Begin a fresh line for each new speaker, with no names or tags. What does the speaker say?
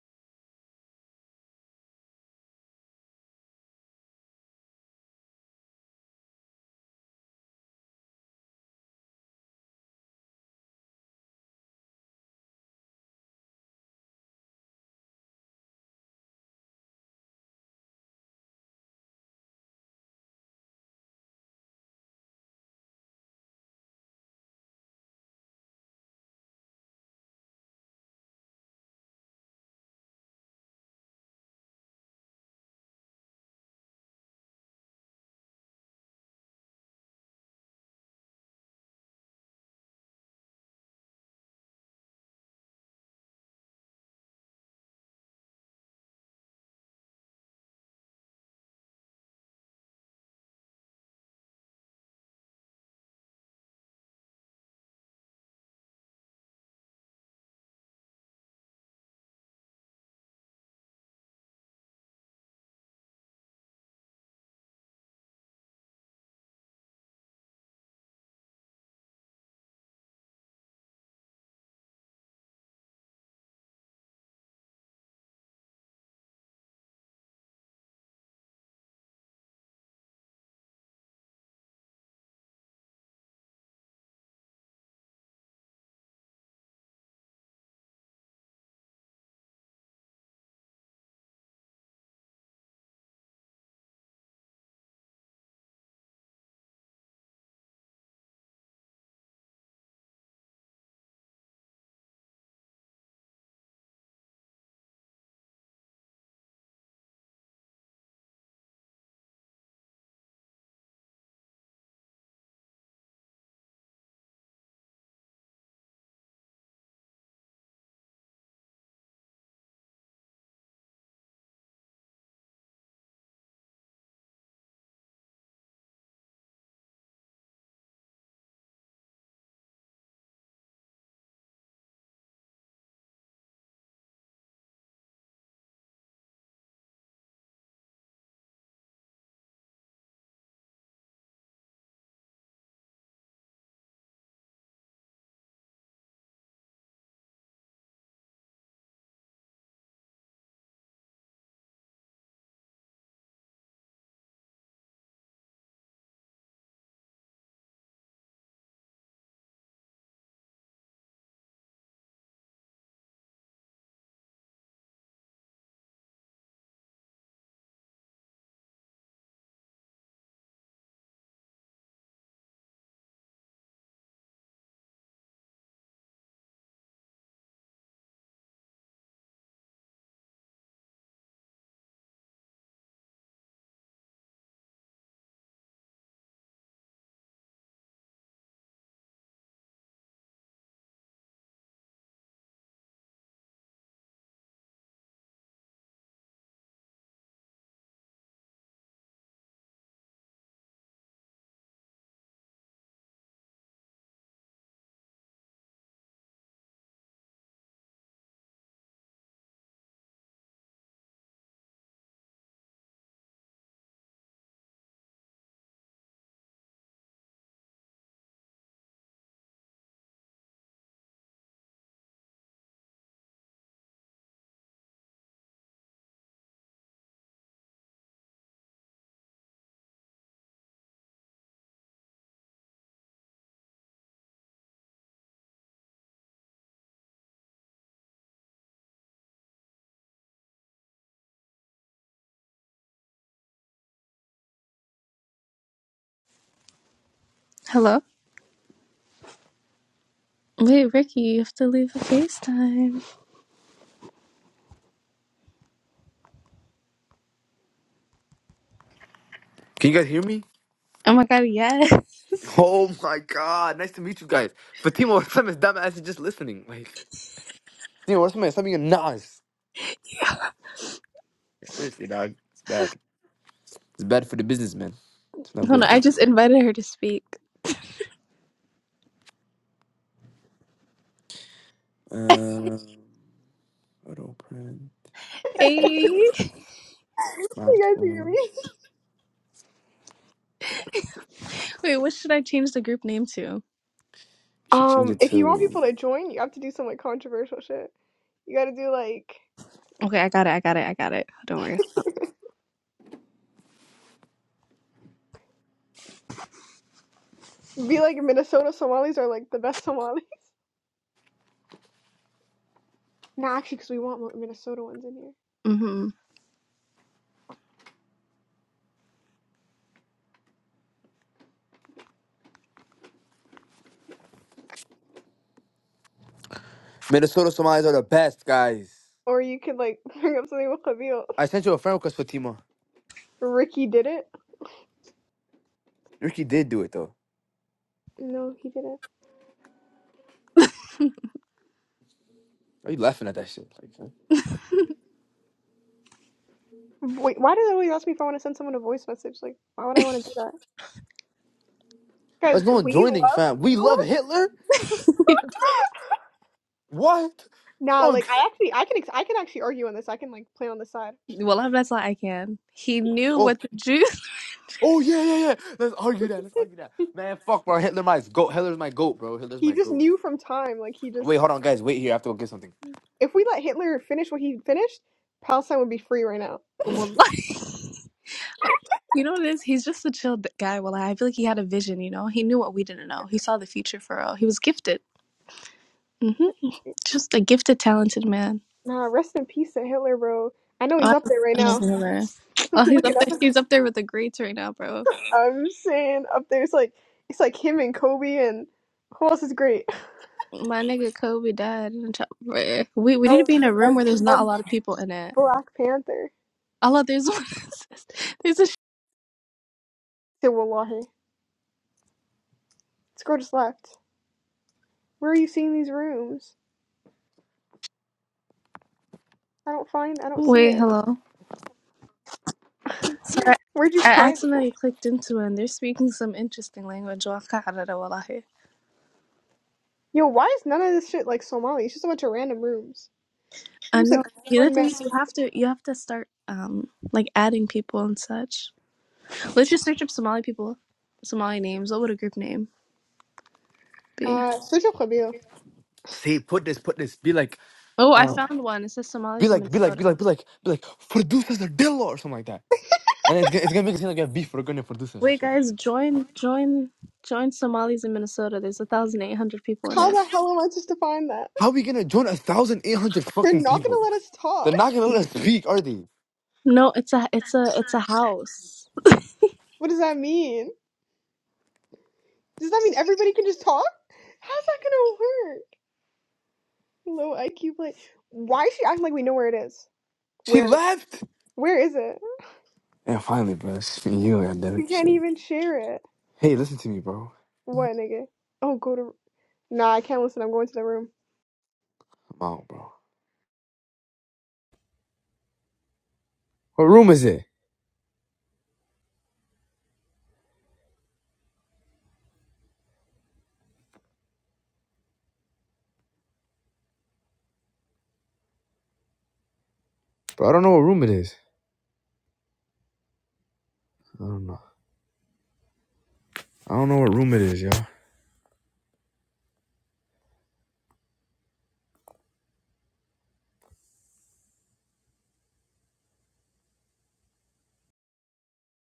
Hello? Wait, Ricky, you have to leave a FaceTime.
Can you guys hear me?
Oh my god, yes.
Oh my god, nice to meet you guys. Fatima, what's up? It's dumbass is just listening. Like, Fatima, what's up? It's something nice. Seriously, dog. It's bad. It's bad for the business, man. It's not
Hold
good,
on, I
man.
just invited her to speak.
Um, auto print,
You
Hey.
guys hear
smartphone. You
me?
Wait, what should I change the group name to?
should change
Um,
it
if you want
to
people to join, you have to do some like controversial shit. You gotta do like
Okay, I got it, I got it, I got it. Don't worry.
be like Minnesota Somalis are like the best Somali. Nah, actually, because we want more Minnesota ones in here.
Mm-hmm.
Minnesota Somalis are the best, guys.
Or you could like bring up something with Khalil.
I sent you a friend request, Fatima.
Ricky did it.
Ricky did do it, though.
No, he didn't.
Why Are you laughing at that shit? Like, huh?
Wait, why do they always ask me if I want to send someone a voice message? Like, why would I want to do that?
why is
Guys,
no one
we
joining,
love
fam? We love
Hitler.
Hitler? What?
Nah,
Okay.
like I actually, I can, ex- I can actually argue on this. I can like play on the side.
Well, I've that's all I can. He knew
Okay.
what the juice
Oh yeah, yeah, yeah. Let's argue that. Let's argue that. Man, fuck, bro. Hitler my goat. Hitler's my goat, bro. Hitler's
He
my
just
goat.
knew from time. Like he just
Wait, hold on, guys. Wait here. I have to go get something.
If we let Hitler finish what he finished, Palestine would be free right now.
Well, You know what it is? He's just a chill d- guy. Well, I feel like he had a vision, you know? He knew what we didn't know. He saw the future for all. He was gifted. Mm-hmm. Just a gifted, talented man.
Nah, rest in peace to Hitler, bro. I know he's
Oh,
up there right
my nigga,
now.
Oh, he's
Look it
up
up,
there. He's up there with the greats right now, bro.
I'm just saying up there. It's like it's like him and Kobe and who else is great?
My nigga Kobe died. In a chop- bruh. we we need to
Oh,
be in a room
and,
where there's not a
and
lot of people in it.
Black Panther.
Allah, there's one. there's a.
Say wallahi, scroll just left. Where are you seeing these rooms? I don't find. I don't see
Wait,
it.
hello. Sorry,
Where'd you
I
find it?
accidentally clicked into it. and They're speaking some interesting language. Waqa'arara wallahi.
Yo, why is none of this shit like Somali? It's just a bunch of random rooms.
I
I said
know. The other
corn
thing
man.
is you have to you have to start um like adding people and such. Let's just search up Somali people, Somali names. What would a group name be?
Uh, switch up Khabil.
Say, put this, put this. Be like,
Oh, I
um,
found one. It says
be
Somalis in
like, be like,
Minnesota.
be like, be like, be like. Producers are dillo or something like that. And it's gonna, it's gonna make it seem like we have beef. We're gonna produce or some
Wait,
shit.
guys, join, join, join Somalis in Minnesota. There's a thousand eight hundred people in
How
it.
the hell am I supposed to find that?
How we gonna join a thousand eight hundred
You're
fucking
not gonna
people?
let us talk.
They're not gonna let us speak, are they?
No, it's a, it's a, it's a house.
What does that mean? Does that mean everybody can just talk? How's that gonna work? Low IQ play. Why is she acting like we know where it is?
She
Where?
left.
Where is it?
Yeah, finally, bro. It's just me and you,
You
goddammit.
can't
Shit.
even share it.
Hey, listen to me, bro.
What, nigga? Oh, go to. Nah, I can't listen. I'm going to the room.
I'm out, bro. What room is it, bro? I don't know what room it is. I don't know. I don't know what room it is, y'all.